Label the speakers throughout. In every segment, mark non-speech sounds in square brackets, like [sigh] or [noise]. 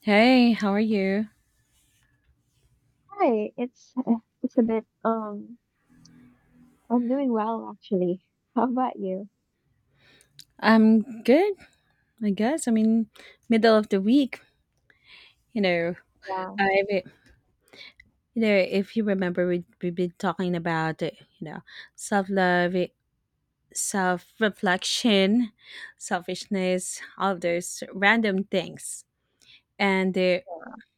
Speaker 1: Hey, how are you?
Speaker 2: Hi, it's it's a bit. I'm doing well actually. How about you?
Speaker 1: I'm good, I guess. I mean, middle of the week, you know.
Speaker 2: Yeah.
Speaker 1: I you if you remember, we've been talking about you know self love, self reflection, selfishness, all of those random things. And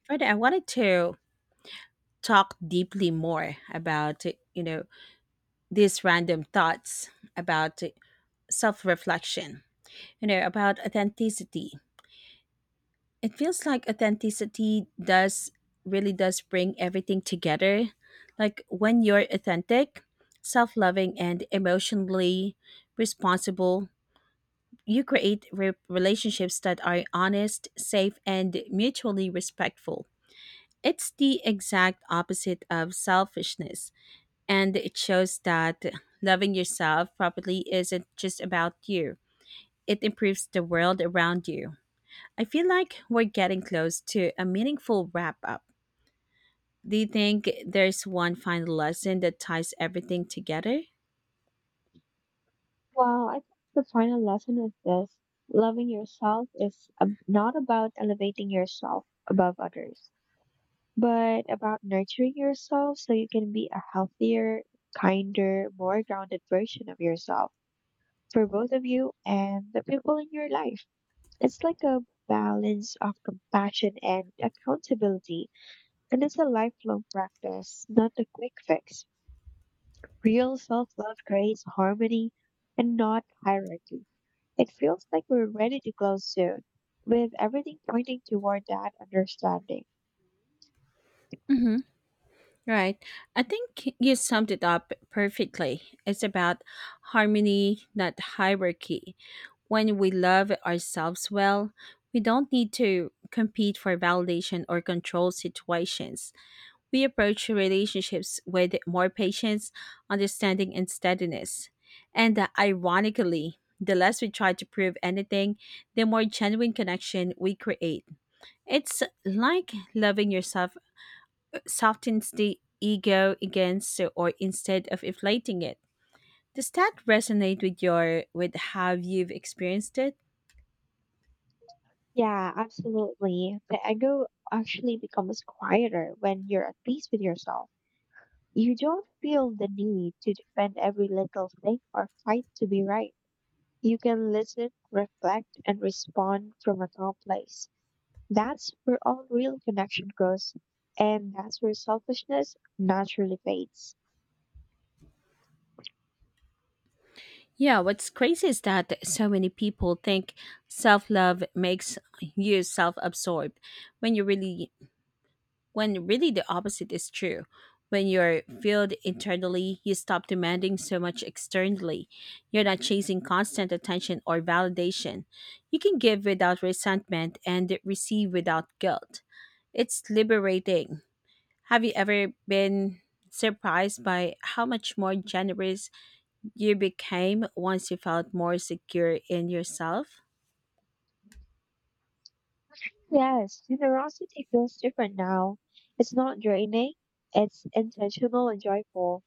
Speaker 1: Friday, I wanted to talk deeply more about these random thoughts about self reflection. You know about authenticity. It feels like authenticity does really does bring everything together. Like when you're authentic, self-loving and emotionally responsible, you create relationships that are honest, safe and mutually respectful. It's the exact opposite of selfishness, and it shows that loving yourself properly isn't just about you. It improves the world around you. I feel like we're getting close to a meaningful wrap up. Do you think there's one final lesson that ties everything together?
Speaker 2: Well, I think the final lesson is this. Loving yourself is not about elevating yourself above others, but about nurturing yourself so you can be a healthier, kinder, more grounded version of yourself for both of you and the people in your life. It's like a balance of compassion and accountability. And it's a lifelong practice, not a quick fix. Real self love creates harmony and not hierarchy. It feels like we're ready to close soon, with everything pointing toward that understanding.
Speaker 1: Hmm. Right. I think you summed it up perfectly. It's about harmony, not hierarchy. When we love ourselves well, we don't need to compete for validation or control situations. We approach relationships with more patience, understanding, and steadiness. And ironically, the less we try to prove anything, the more genuine connection we create. It's like loving yourself softens the ego against or instead of inflating it. Does that resonate with how you've experienced it?
Speaker 2: Yeah, absolutely. The ego actually becomes quieter when you're at peace with yourself. You don't feel the need to defend every little thing or fight to be right. You can listen, reflect, and respond from a calm place. That's where all real connection grows, and that's where selfishness naturally fades.
Speaker 1: Yeah, what's crazy is that so many people think self love makes you self absorbed when you really when really the opposite is true. When you're filled internally, you stop demanding so much externally. You're not chasing constant attention or validation. You can give without resentment and receive without guilt. It's liberating. Have you ever been surprised by how much more generous you became once you felt more secure in yourself?
Speaker 2: Yes, generosity feels different now. It's not draining, it's intentional and joyful.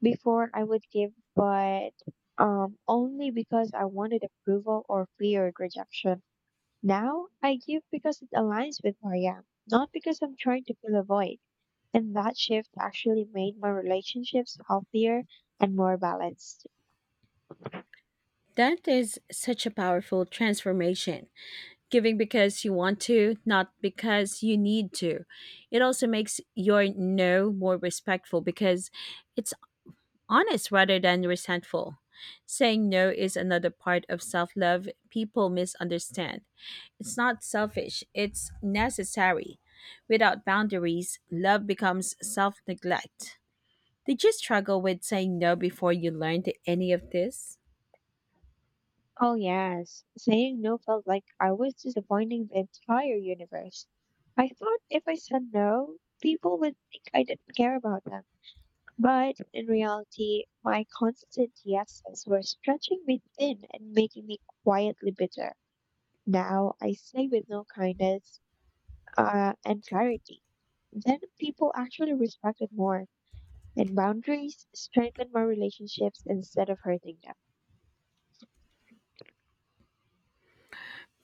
Speaker 2: Before I would give, but only because I wanted approval or feared rejection. Now I give because it aligns with who I am, not because I'm trying to fill a void. And that shift actually made my relationships healthier and more balanced.
Speaker 1: That is such a powerful transformation. Giving because you want to, not because you need to. It also makes your no more respectful because it's honest rather than resentful. Saying no is another part of self love people misunderstand. It's not selfish, it's necessary. Without boundaries, love becomes self neglect. Did you struggle with saying no before you learned any of this?
Speaker 2: Oh, yes. Saying no felt like I was disappointing the entire universe. I thought if I said no, people would think I didn't care about them. But in reality, my constant yeses were stretching me thin and making me quietly bitter. Now I say with no kindness and clarity. Then people actually respect it more, and boundaries strengthen my relationships instead of hurting them.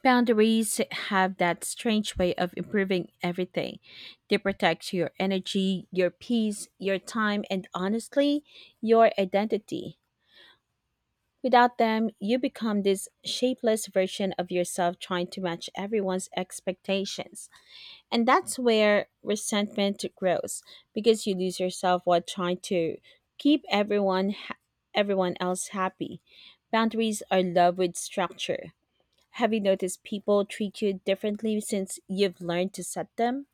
Speaker 1: Boundaries have that strange way of improving everything. They protect your energy, your peace, your time, and honestly, your identity. Without them, you become this shapeless version of yourself trying to match everyone's expectations. And that's where resentment grows because you lose yourself while trying to keep everyone everyone else happy. Boundaries are love with structure. Have you noticed people treat you differently since you've learned to set them?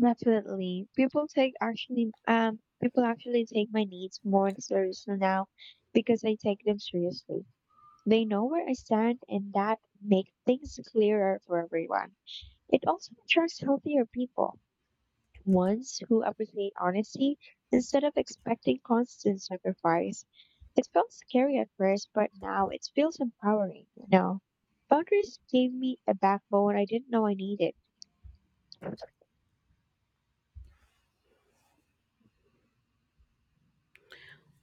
Speaker 2: Definitely. People actually take my needs more seriously now because I take them seriously. They know where I stand and that makes things clearer for everyone. It also attracts healthier people, ones who appreciate honesty instead of expecting constant sacrifice. It felt scary at first, but now it feels empowering, you know. Boundaries gave me a backbone I didn't know I needed.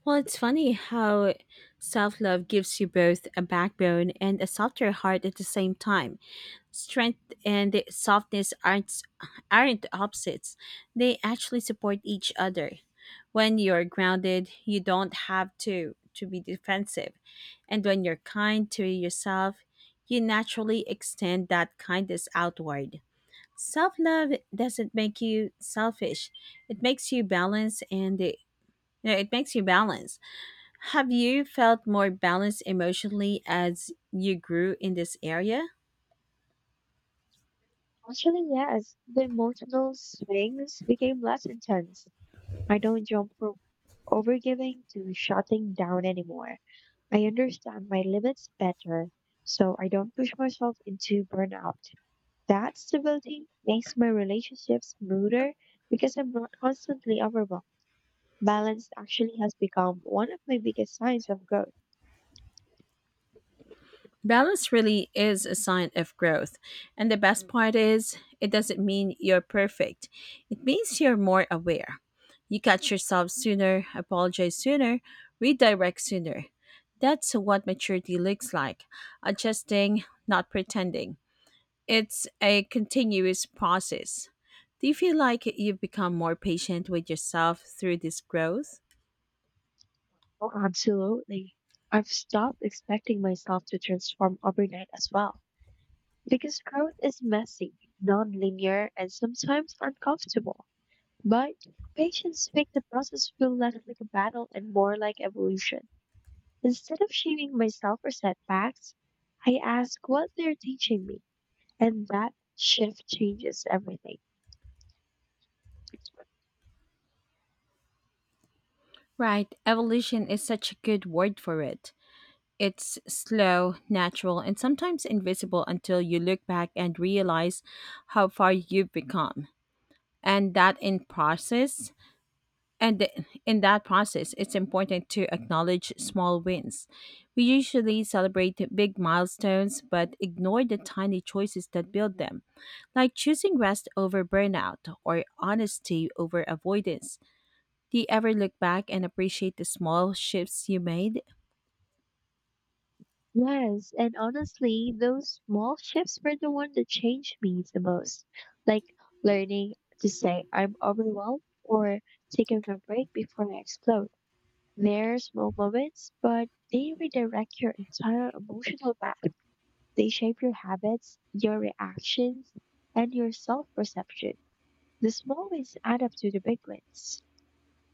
Speaker 1: Well, it's funny how self love gives you both a backbone and a softer heart at the same time. Strength and softness aren't opposites, they actually support each other. When you're grounded, you don't have to be defensive. And when you're kind to yourself, you naturally extend that kindness outward. Self love doesn't make you selfish. It makes you balance and it, no, it makes you balance. Have you felt more balanced emotionally as you grew in this area?
Speaker 2: Actually, yes, the emotional swings became less intense. I don't jump from overgiving to shutting down anymore. I understand my limits better, so I don't push myself into burnout. That stability makes my relationships smoother because I'm not constantly overwhelmed. Balance actually has become one of my biggest signs of growth.
Speaker 1: Balance really is a sign of growth. And the best part is, it doesn't mean you're perfect. It means you're more aware. You catch yourself sooner, apologize sooner, redirect sooner. That's what maturity looks like, adjusting, not pretending. It's a continuous process. Do you feel like you've become more patient with yourself through this growth?
Speaker 2: Oh, absolutely. I've stopped expecting myself to transform overnight as well. Because growth is messy, non-linear, and sometimes uncomfortable. But patience makes the process feel less like a battle and more like evolution. Instead of shaming myself for setbacks, I ask what they're teaching me, and that shift changes everything.
Speaker 1: Right, evolution is such a good word for it. It's slow, natural, and sometimes invisible until you look back and realize how far you've become. And that in process And th- in that process, it's important to acknowledge small wins. We usually celebrate the big milestones but ignore the tiny choices that build them, like choosing rest over burnout or honesty over avoidance. Do you ever look back and appreciate the small shifts you made?
Speaker 2: Yes, and honestly, those small shifts were the one that changed me the most. Like learning to say I'm overwhelmed or taking a break before I explode. There's small moments, but they redirect your entire emotional map. They shape your habits, your reactions, and your self perception. The small wins add up to the big wins.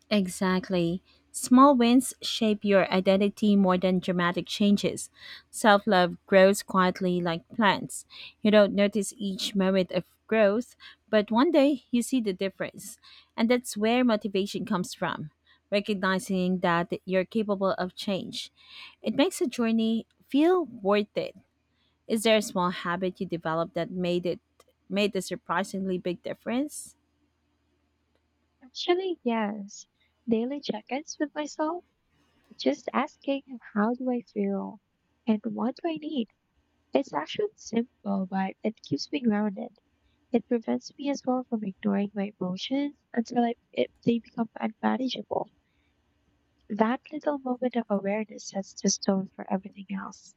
Speaker 1: Exactly. Small wins shape your identity more than dramatic changes. Self love grows quietly like plants. You don't notice each moment of growth, but one day you see the difference. And that's where motivation comes from, recognizing that you're capable of change. It makes a journey feel worth it. Is there a small habit you developed that made a surprisingly big difference?
Speaker 2: Actually, yes. Daily check ins with myself, just asking how do I feel and what do I need. It's actually simple, but it keeps me grounded. It prevents me as well from ignoring my emotions until they become unmanageable. That little moment of awareness sets the tone for everything else.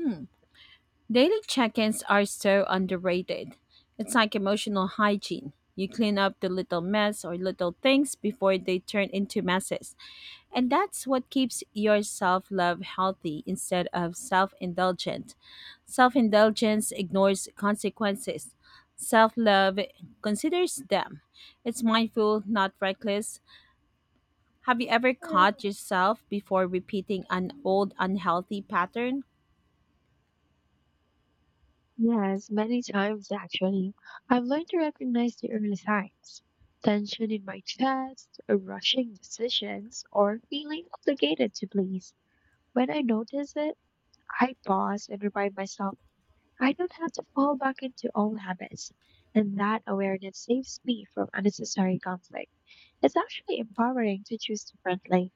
Speaker 1: Hmm. Daily check ins are so underrated. It's like emotional hygiene. You clean up the little mess or little things before they turn into messes. And that's what keeps your self love healthy instead of self indulgent. Self indulgence ignores consequences. Self love considers them. It's mindful, not reckless. Have you ever caught yourself before repeating an old unhealthy pattern?
Speaker 2: Yes, many times actually. I've learned to recognize the early signs. Tension in my chest, rushing decisions, or feeling obligated to please. When I notice it, I pause and remind myself I don't have to fall back into old habits. And that awareness saves me from unnecessary conflict. It's actually empowering to choose differently.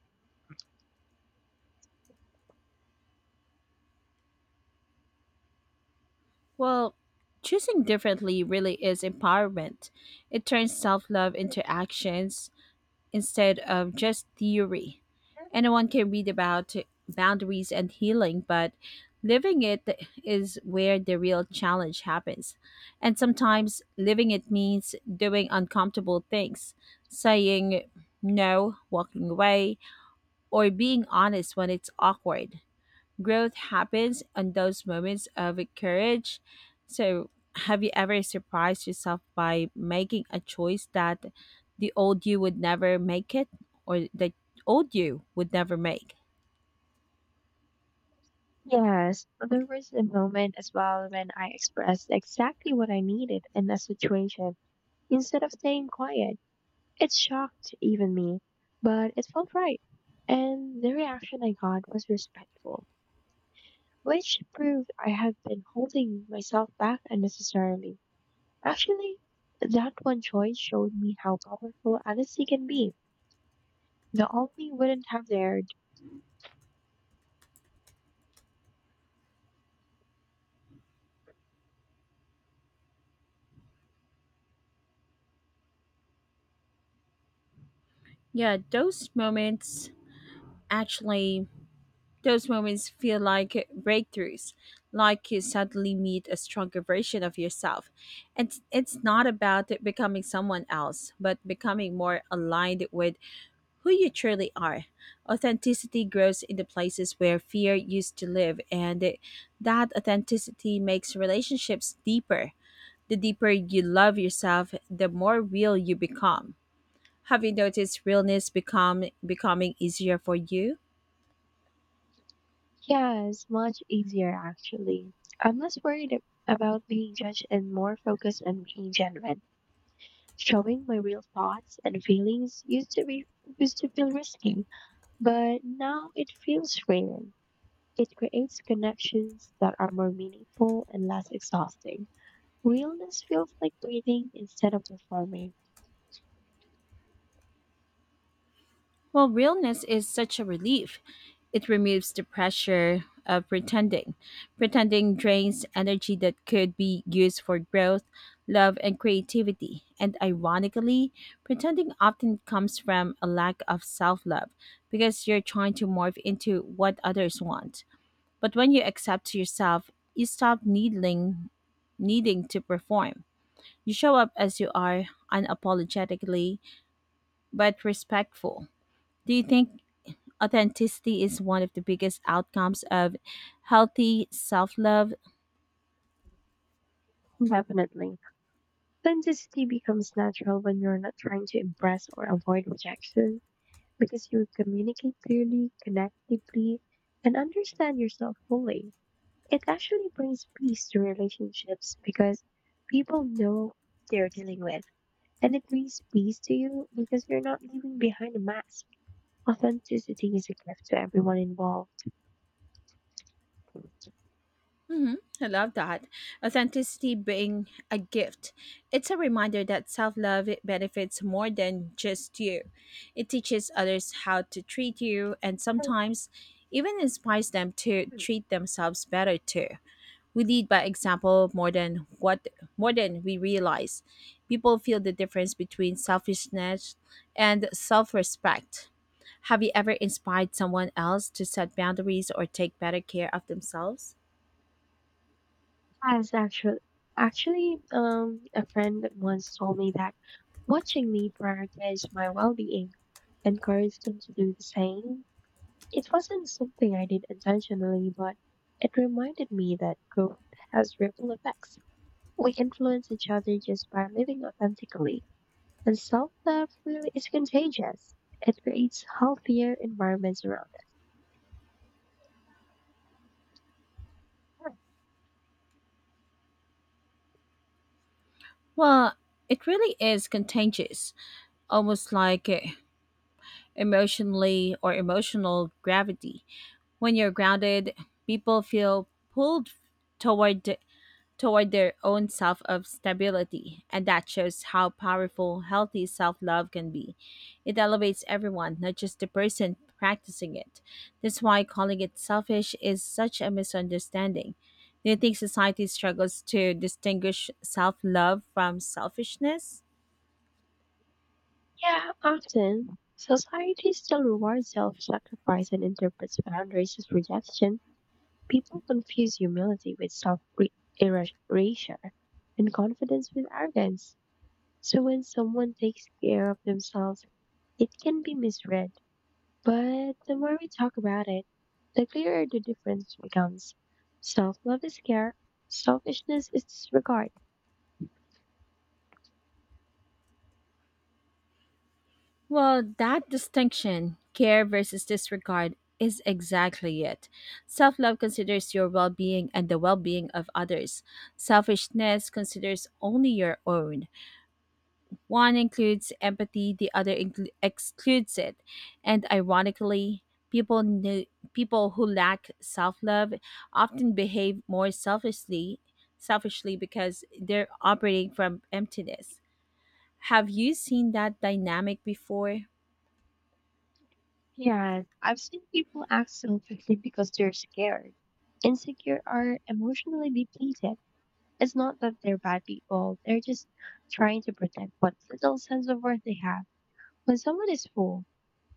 Speaker 1: Well, choosing differently really is empowerment. It turns self love into actions instead of just theory. Anyone can read about boundaries and healing, but living it is where the real challenge happens. And sometimes living it means doing uncomfortable things, saying no, walking away, or being honest when it's awkward. Growth happens on those moments of courage. So, have you ever surprised yourself by making a choice that the old you would never make it or that old you would never make?
Speaker 2: Yes, but there was a moment as well when I expressed exactly what I needed in that situation instead of staying quiet. It shocked even me, but it felt right. And the reaction I got was respectful, which proved I had been holding myself back unnecessarily. Actually, that one choice showed me how powerful honesty can be. The only wouldn't have there.
Speaker 1: Yeah, actually, those moments feel like breakthroughs, like you suddenly meet a stronger version of yourself. And it's not about becoming someone else, but becoming more aligned with who you truly are. Authenticity grows in the places where fear used to live, and that authenticity makes relationships deeper. The deeper you love yourself, the more real you become. Have you noticed realness become becoming easier for you?
Speaker 2: Yeah, it's much easier actually. I'm less worried about being judged and more focused on being genuine. Showing my real thoughts and feelings used to feel risky, but now it feels freeing. It creates connections that are more meaningful and less exhausting. Realness feels like breathing instead of performing.
Speaker 1: Well, realness is such a relief. It removes the pressure of pretending. Pretending drains energy that could be used for growth, love, and creativity. And ironically, pretending often comes from a lack of self love because you're trying to morph into what others want. But when you accept yourself, you stop needing to perform. You show up as you are, unapologetically, but respectful. Do you think authenticity is one of the biggest outcomes of healthy self love?
Speaker 2: Definitely. Authenticity becomes natural when you're not trying to impress or avoid rejection, because you communicate clearly, connect deeply, and understand yourself fully. It actually brings peace to relationships because people know what they're dealing with. And it brings peace to you because you're not leaving behind a mask. Authenticity is a gift to everyone involved. So,
Speaker 1: Hmm. I love that. Authenticity being a gift. It's a reminder that self love benefits more than just you. It teaches others how to treat you and sometimes even inspires them to treat themselves better too. We lead by example more than we realize. People feel the difference between selfishness and self-respect. Have you ever inspired someone else to set boundaries or take better care of themselves?
Speaker 2: yes, actually, a friend once told me that watching me prioritize my well-being encouraged him to do the same. It wasn't something I did intentionally, but it reminded me that growth has ripple effects. We influence each other just by living authentically. And self love really is contagious. It creates healthier environments around us.
Speaker 1: Well, it really is contagious, almost like emotional gravity. When you're grounded, people feel pulled toward toward their own self of stability, and that shows how powerful healthy self-love can be. It elevates everyone, not just the person practicing it. That's why calling it selfish is such a misunderstanding. Do you think society struggles to distinguish self-love from selfishness?
Speaker 2: Yeah, often society still rewards self sacrifice and interprets boundaries as rejection. People confuse humility with self erasure and confidence with arrogance. So when someone takes care of themselves, it can be misread, but the more we talk about it, the clearer the difference becomes. Self love is care, selfishness is disregard.
Speaker 1: Well, that distinction, care versus disregard, is exactly it. Self love considers your well being and the well being of others. Selfishness considers only your own. One includes empathy, the other excludes it. And ironically, people, kn- people who lack self love often behave more selfishly because they're operating from emptiness. Have you seen that dynamic before?
Speaker 2: Yeah, I've seen people act selfishly because they're scared. Insecure or emotionally depleted. It's not that they're bad people, they're just trying to protect what little sense of worth they have. When someone is full,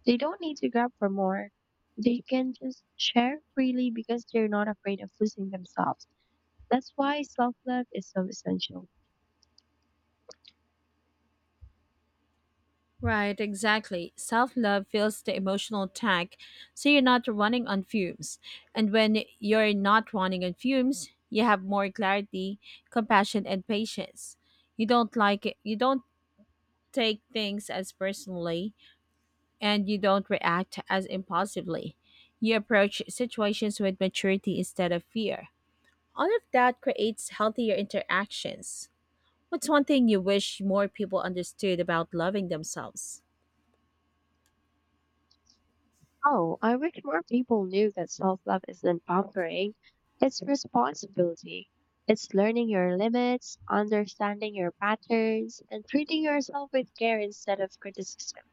Speaker 2: they don't need to grab for more. They can just share freely because they're not afraid of losing themselves. That's why self love is so essential.
Speaker 1: Right, exactly. Self love fills the emotional tank so you're not running on fumes. And when you're not running on fumes, you have more clarity, compassion, and patience. You don't you don't take things as personally, and you don't react as impulsively. You approach situations with maturity instead of fear. All of that creates healthier interactions. What's one thing you wish more people understood about loving themselves?
Speaker 2: Oh, I wish more people knew that self love isn't pampering, it's responsibility. It's learning your limits, understanding your patterns, and treating yourself with care instead of criticism.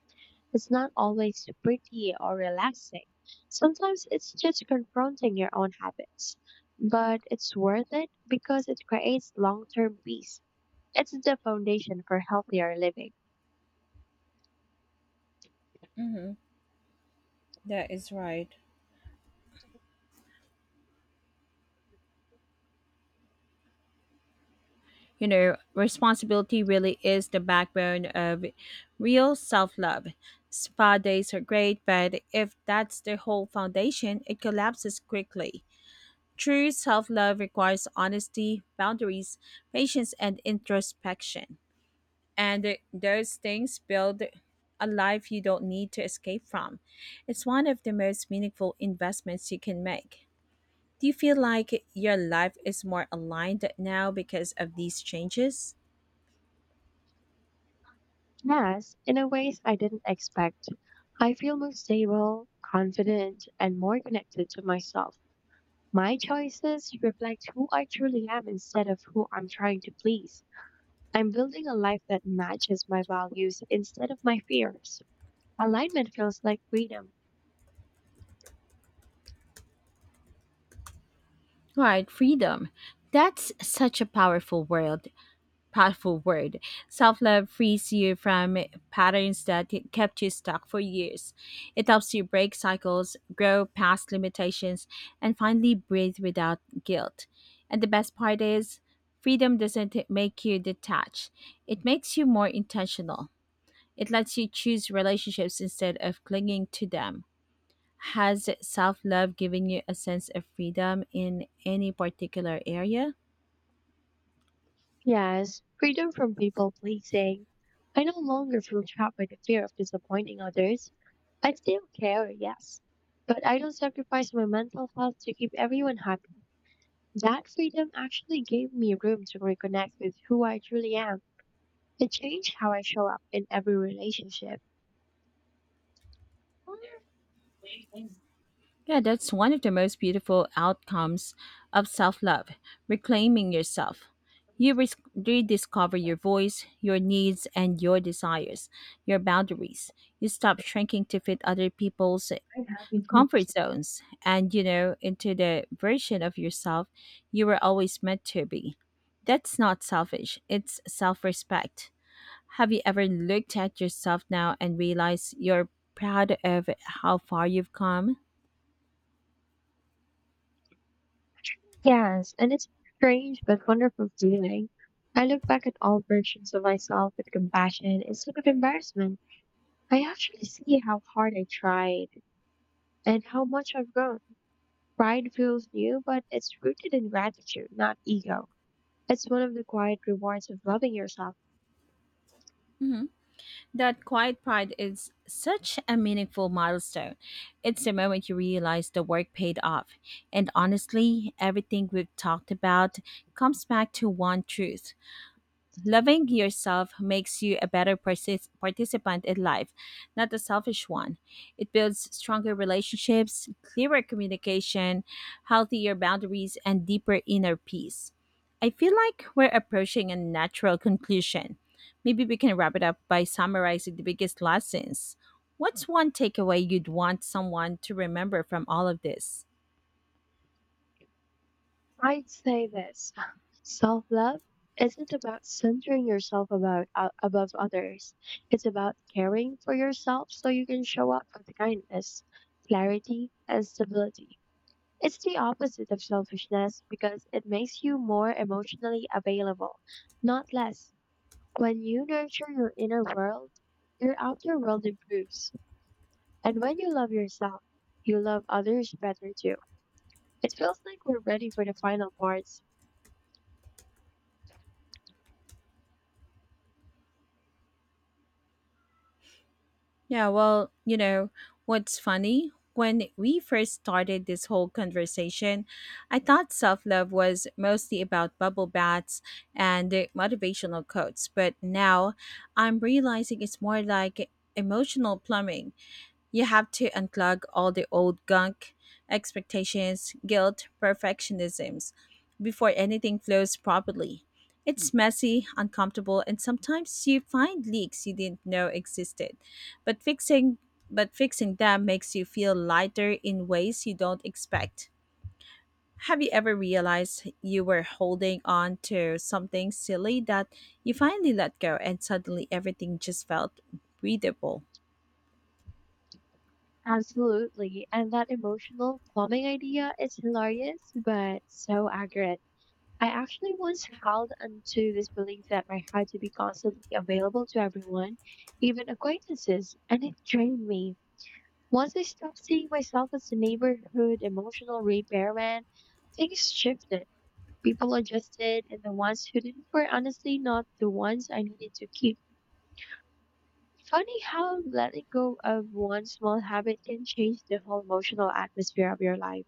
Speaker 2: It's not always pretty or relaxing. Sometimes it's just confronting your own habits. But it's worth it because it creates long term peace. It's the foundation for healthier living.
Speaker 1: Mm-hmm. That is right. You know, responsibility really is the backbone of real self love. Spa days are great, but if that's the whole foundation, it collapses quickly. True self love requires honesty, boundaries, patience, and introspection. And those things build a life you don't need to escape from. It's one of the most meaningful investments you can make. Do you feel like your life is more aligned now because of these changes?
Speaker 2: Yes, in a ways I didn't expect. I feel more stable, confident, and more connected to myself. My choices reflect who I truly am instead of who I'm trying to please. I'm building a life that matches my values instead of my fears. Alignment feels like freedom.
Speaker 1: Right, freedom. That's such a powerful word. Powerful word. Self love frees you from patterns that kept you stuck for years. It helps you break cycles, grow past limitations, and finally breathe without guilt. And the best part is, freedom doesn't make you detached, it makes you more intentional. It lets you choose relationships instead of clinging to them. Has self love given you a sense of freedom in any particular area?
Speaker 2: Yes, freedom from people pleasing. I no longer feel trapped by the fear of disappointing others. I still care, yes, but I don't sacrifice my mental health to keep everyone happy. That freedom actually gave me room to reconnect with who I truly am. It changed how I show up in every relationship.
Speaker 1: Yeah, that's one of the most beautiful outcomes of self love, reclaiming yourself. You rediscover your voice, your needs, and your desires, your boundaries. You stop shrinking to fit other people's comfort zones and into the version of yourself you were always meant to be. That's not selfish, it's self respect. Have you ever looked at yourself now and realized you're proud of how far you've come?
Speaker 2: Yes, and it's a strange but wonderful feeling. I look back at all versions of myself with compassion instead of embarrassment. I actually see how hard I tried and how much I've grown. Pride feels new, but it's rooted in gratitude, not ego. It's one of the quiet rewards of loving yourself.
Speaker 1: That quiet pride is such a meaningful milestone. It's the moment you realize the work paid off. And honestly, everything we've talked about comes back to one truth. Loving yourself makes you a better participant in life, not a selfish one. It builds stronger relationships, clearer communication, healthier boundaries, and deeper inner peace. I feel like we're approaching a natural conclusion. Maybe we can wrap it up by summarizing the biggest lessons. What's one takeaway you'd want someone to remember from all of this?
Speaker 2: I'd say this. [laughs] Self-love isn't about centering yourself about above others. It's about caring for yourself so you can show up with kindness, clarity, and stability. It's the opposite of selfishness because it makes you more emotionally available, not less. When you nurture your inner world, your outer world improves. And when you love yourself, you love others better too. It feels like we're ready for the final parts.
Speaker 1: Yeah, well, what's funny? When we first started this whole conversation, I thought self love was mostly about bubble baths and motivational quotes, but now I'm realizing it's more like emotional plumbing. You have to unplug all the old gunk, expectations, guilt, perfectionisms, before anything flows properly. It's messy, uncomfortable, and sometimes you find leaks you didn't know existed. But fixing but fixing them makes you feel lighter in ways you don't expect. Have you ever realized you were holding on to something silly that you finally let go and suddenly everything just felt breathable?
Speaker 2: Absolutely. And that emotional plumbing idea is hilarious, but so accurate. I actually once held onto this belief that I had to be constantly available to everyone, even acquaintances, and it drained me. Once I stopped seeing myself as a neighborhood emotional repairman, things shifted. People adjusted, and the ones who didn't were honestly not the ones I needed to keep. Funny how letting go of one small habit can change the whole emotional atmosphere of your life.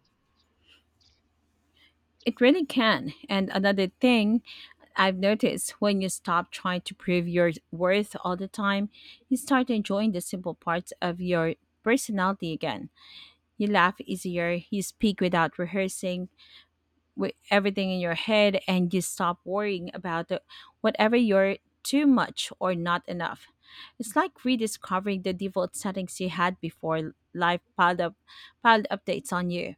Speaker 1: It really can. And another thing I've noticed, when you stop trying to prove your worth all the time, you start enjoying the simple parts of your personality again. You laugh easier, you speak without rehearsing with everything in your head, and you stop worrying about the, whatever, you're too much or not enough. It's like rediscovering the default settings you had before life piled up piled updates on you.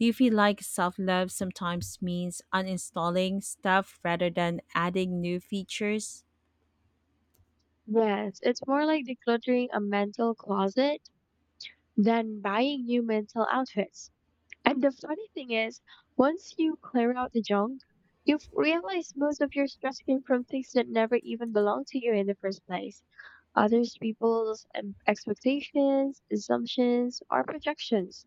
Speaker 1: Do you feel like self-love sometimes means uninstalling stuff rather than adding new features?
Speaker 2: Yes, it's more like decluttering a mental closet than buying new mental outfits. And the funny thing is, once you clear out the junk, you've realized most of your stress came from things that never even belonged to you in the first place. Others people's expectations, assumptions, or projections.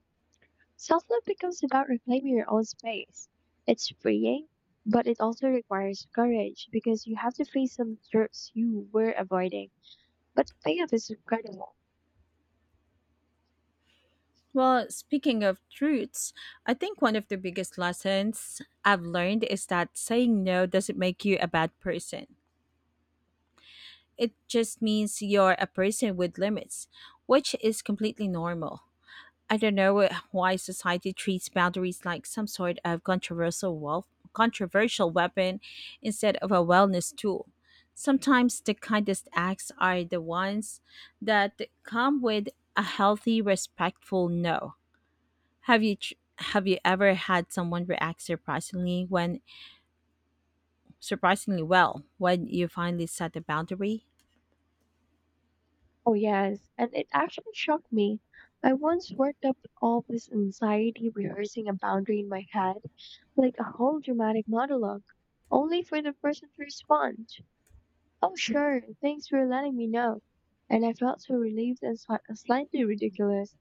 Speaker 2: Self-love becomes about reclaiming your own space. It's freeing, but it also requires courage because you have to face some truths you were avoiding. But the payoff is incredible.
Speaker 1: Well, speaking of truths, I think one of the biggest lessons I've learned is that saying no doesn't make you a bad person. It just means you're a person with limits, which is completely normal. I don't know why society treats boundaries like some sort of controversial weapon instead of a wellness tool. Sometimes the kindest acts are the ones that come with a healthy, respectful no. Have you tr- have you ever had someone react surprisingly well when you finally set a boundary?
Speaker 2: Oh, yes, and it actually shocked me. I once worked up all this anxiety rehearsing a boundary in my head, like a whole dramatic monologue, only for the person to respond, "Oh, sure, thanks for letting me know." And I felt so relieved and slightly ridiculous.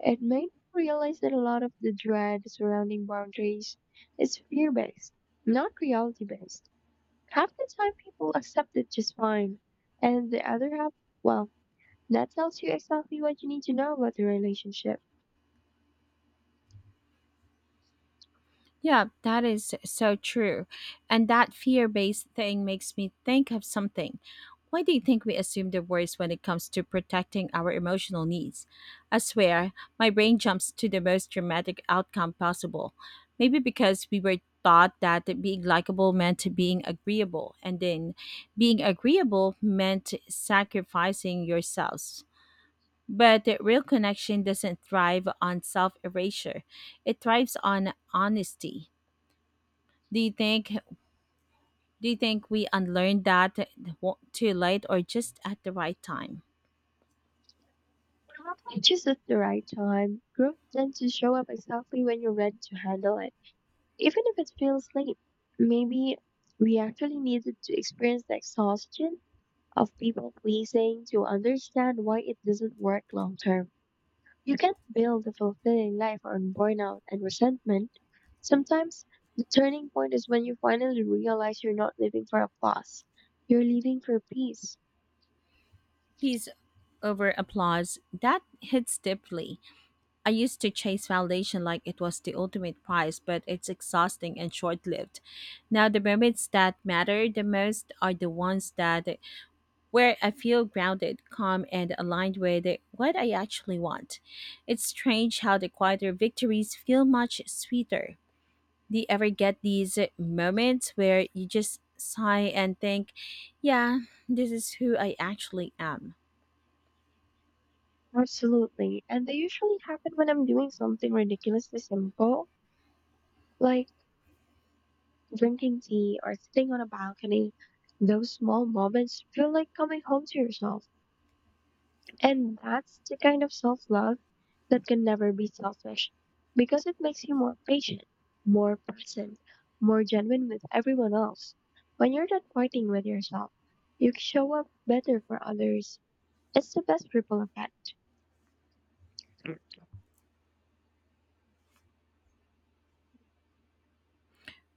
Speaker 2: It made me realize that a lot of the dread surrounding boundaries is fear based, not reality based. Half the time, people accept it just fine, and the other half, well, that tells you exactly what you need to know about the relationship.
Speaker 1: Yeah, that is so true. And that fear based thing makes me think of something. Why do you think we assume the worst when it comes to protecting our emotional needs? I swear, my brain jumps to the most dramatic outcome possible. Maybe because we were taught that being likable meant being agreeable, and then being agreeable meant sacrificing yourselves. But the real connection doesn't thrive on self erasure, it thrives on honesty. Do you think do you think we unlearned that too late or just at the right time?
Speaker 2: Just at the right time, growth tends to show up exactly when you're ready to handle it, even if it feels late. Maybe we actually needed to experience the exhaustion of people pleasing to understand why it doesn't work long term. You can't build a fulfilling life on burnout and resentment. Sometimes the turning point is when you finally realize you're not living for applause, you're living for peace.
Speaker 1: Peace over applause, that hits deeply. I used to chase validation like it was the ultimate prize, but it's exhausting and short-lived. Now the moments that matter the most are the ones that where I feel grounded, calm, and aligned with what I actually want. It's strange how the quieter victories feel much sweeter. Do you ever get these moments where you just sigh and think, yeah, this is who I actually am?
Speaker 2: Absolutely. And they usually happen when I'm doing something ridiculously simple, like drinking tea or sitting on a balcony. Those small moments feel like coming home to yourself. And that's the kind of self love that can never be selfish because it makes you more patient, more present, more genuine with everyone else. When you're not fighting with yourself, you show up better for others. It's the best ripple effect.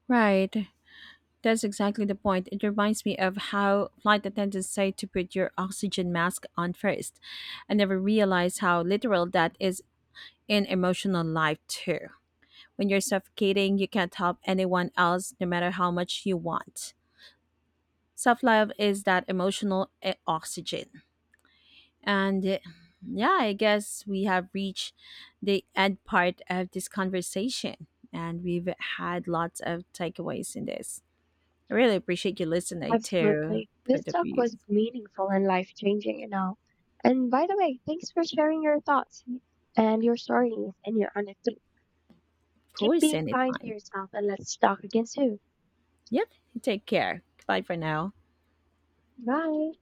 Speaker 1: Right. That's exactly the point. It reminds me of how flight attendants say to put your oxygen mask on first. I never realized how literal that is in emotional life, too. When you're suffocating, you can't help anyone else no matter how much you want. Self love is that emotional oxygen. And yeah, I guess we have reached the end part of this conversation. And we've had lots of takeaways in this. I really appreciate you listening to
Speaker 2: Absolutely. This
Speaker 1: Put Up
Speaker 2: talk
Speaker 1: Your
Speaker 2: was meaningful and life changing, you know. And by the way, thanks for sharing your thoughts and your stories and your honesty. Keep
Speaker 1: Voice
Speaker 2: being kind to
Speaker 1: anytime.
Speaker 2: yourself and let's talk again soon.
Speaker 1: Yep. Take care. Bye for now.
Speaker 2: Bye.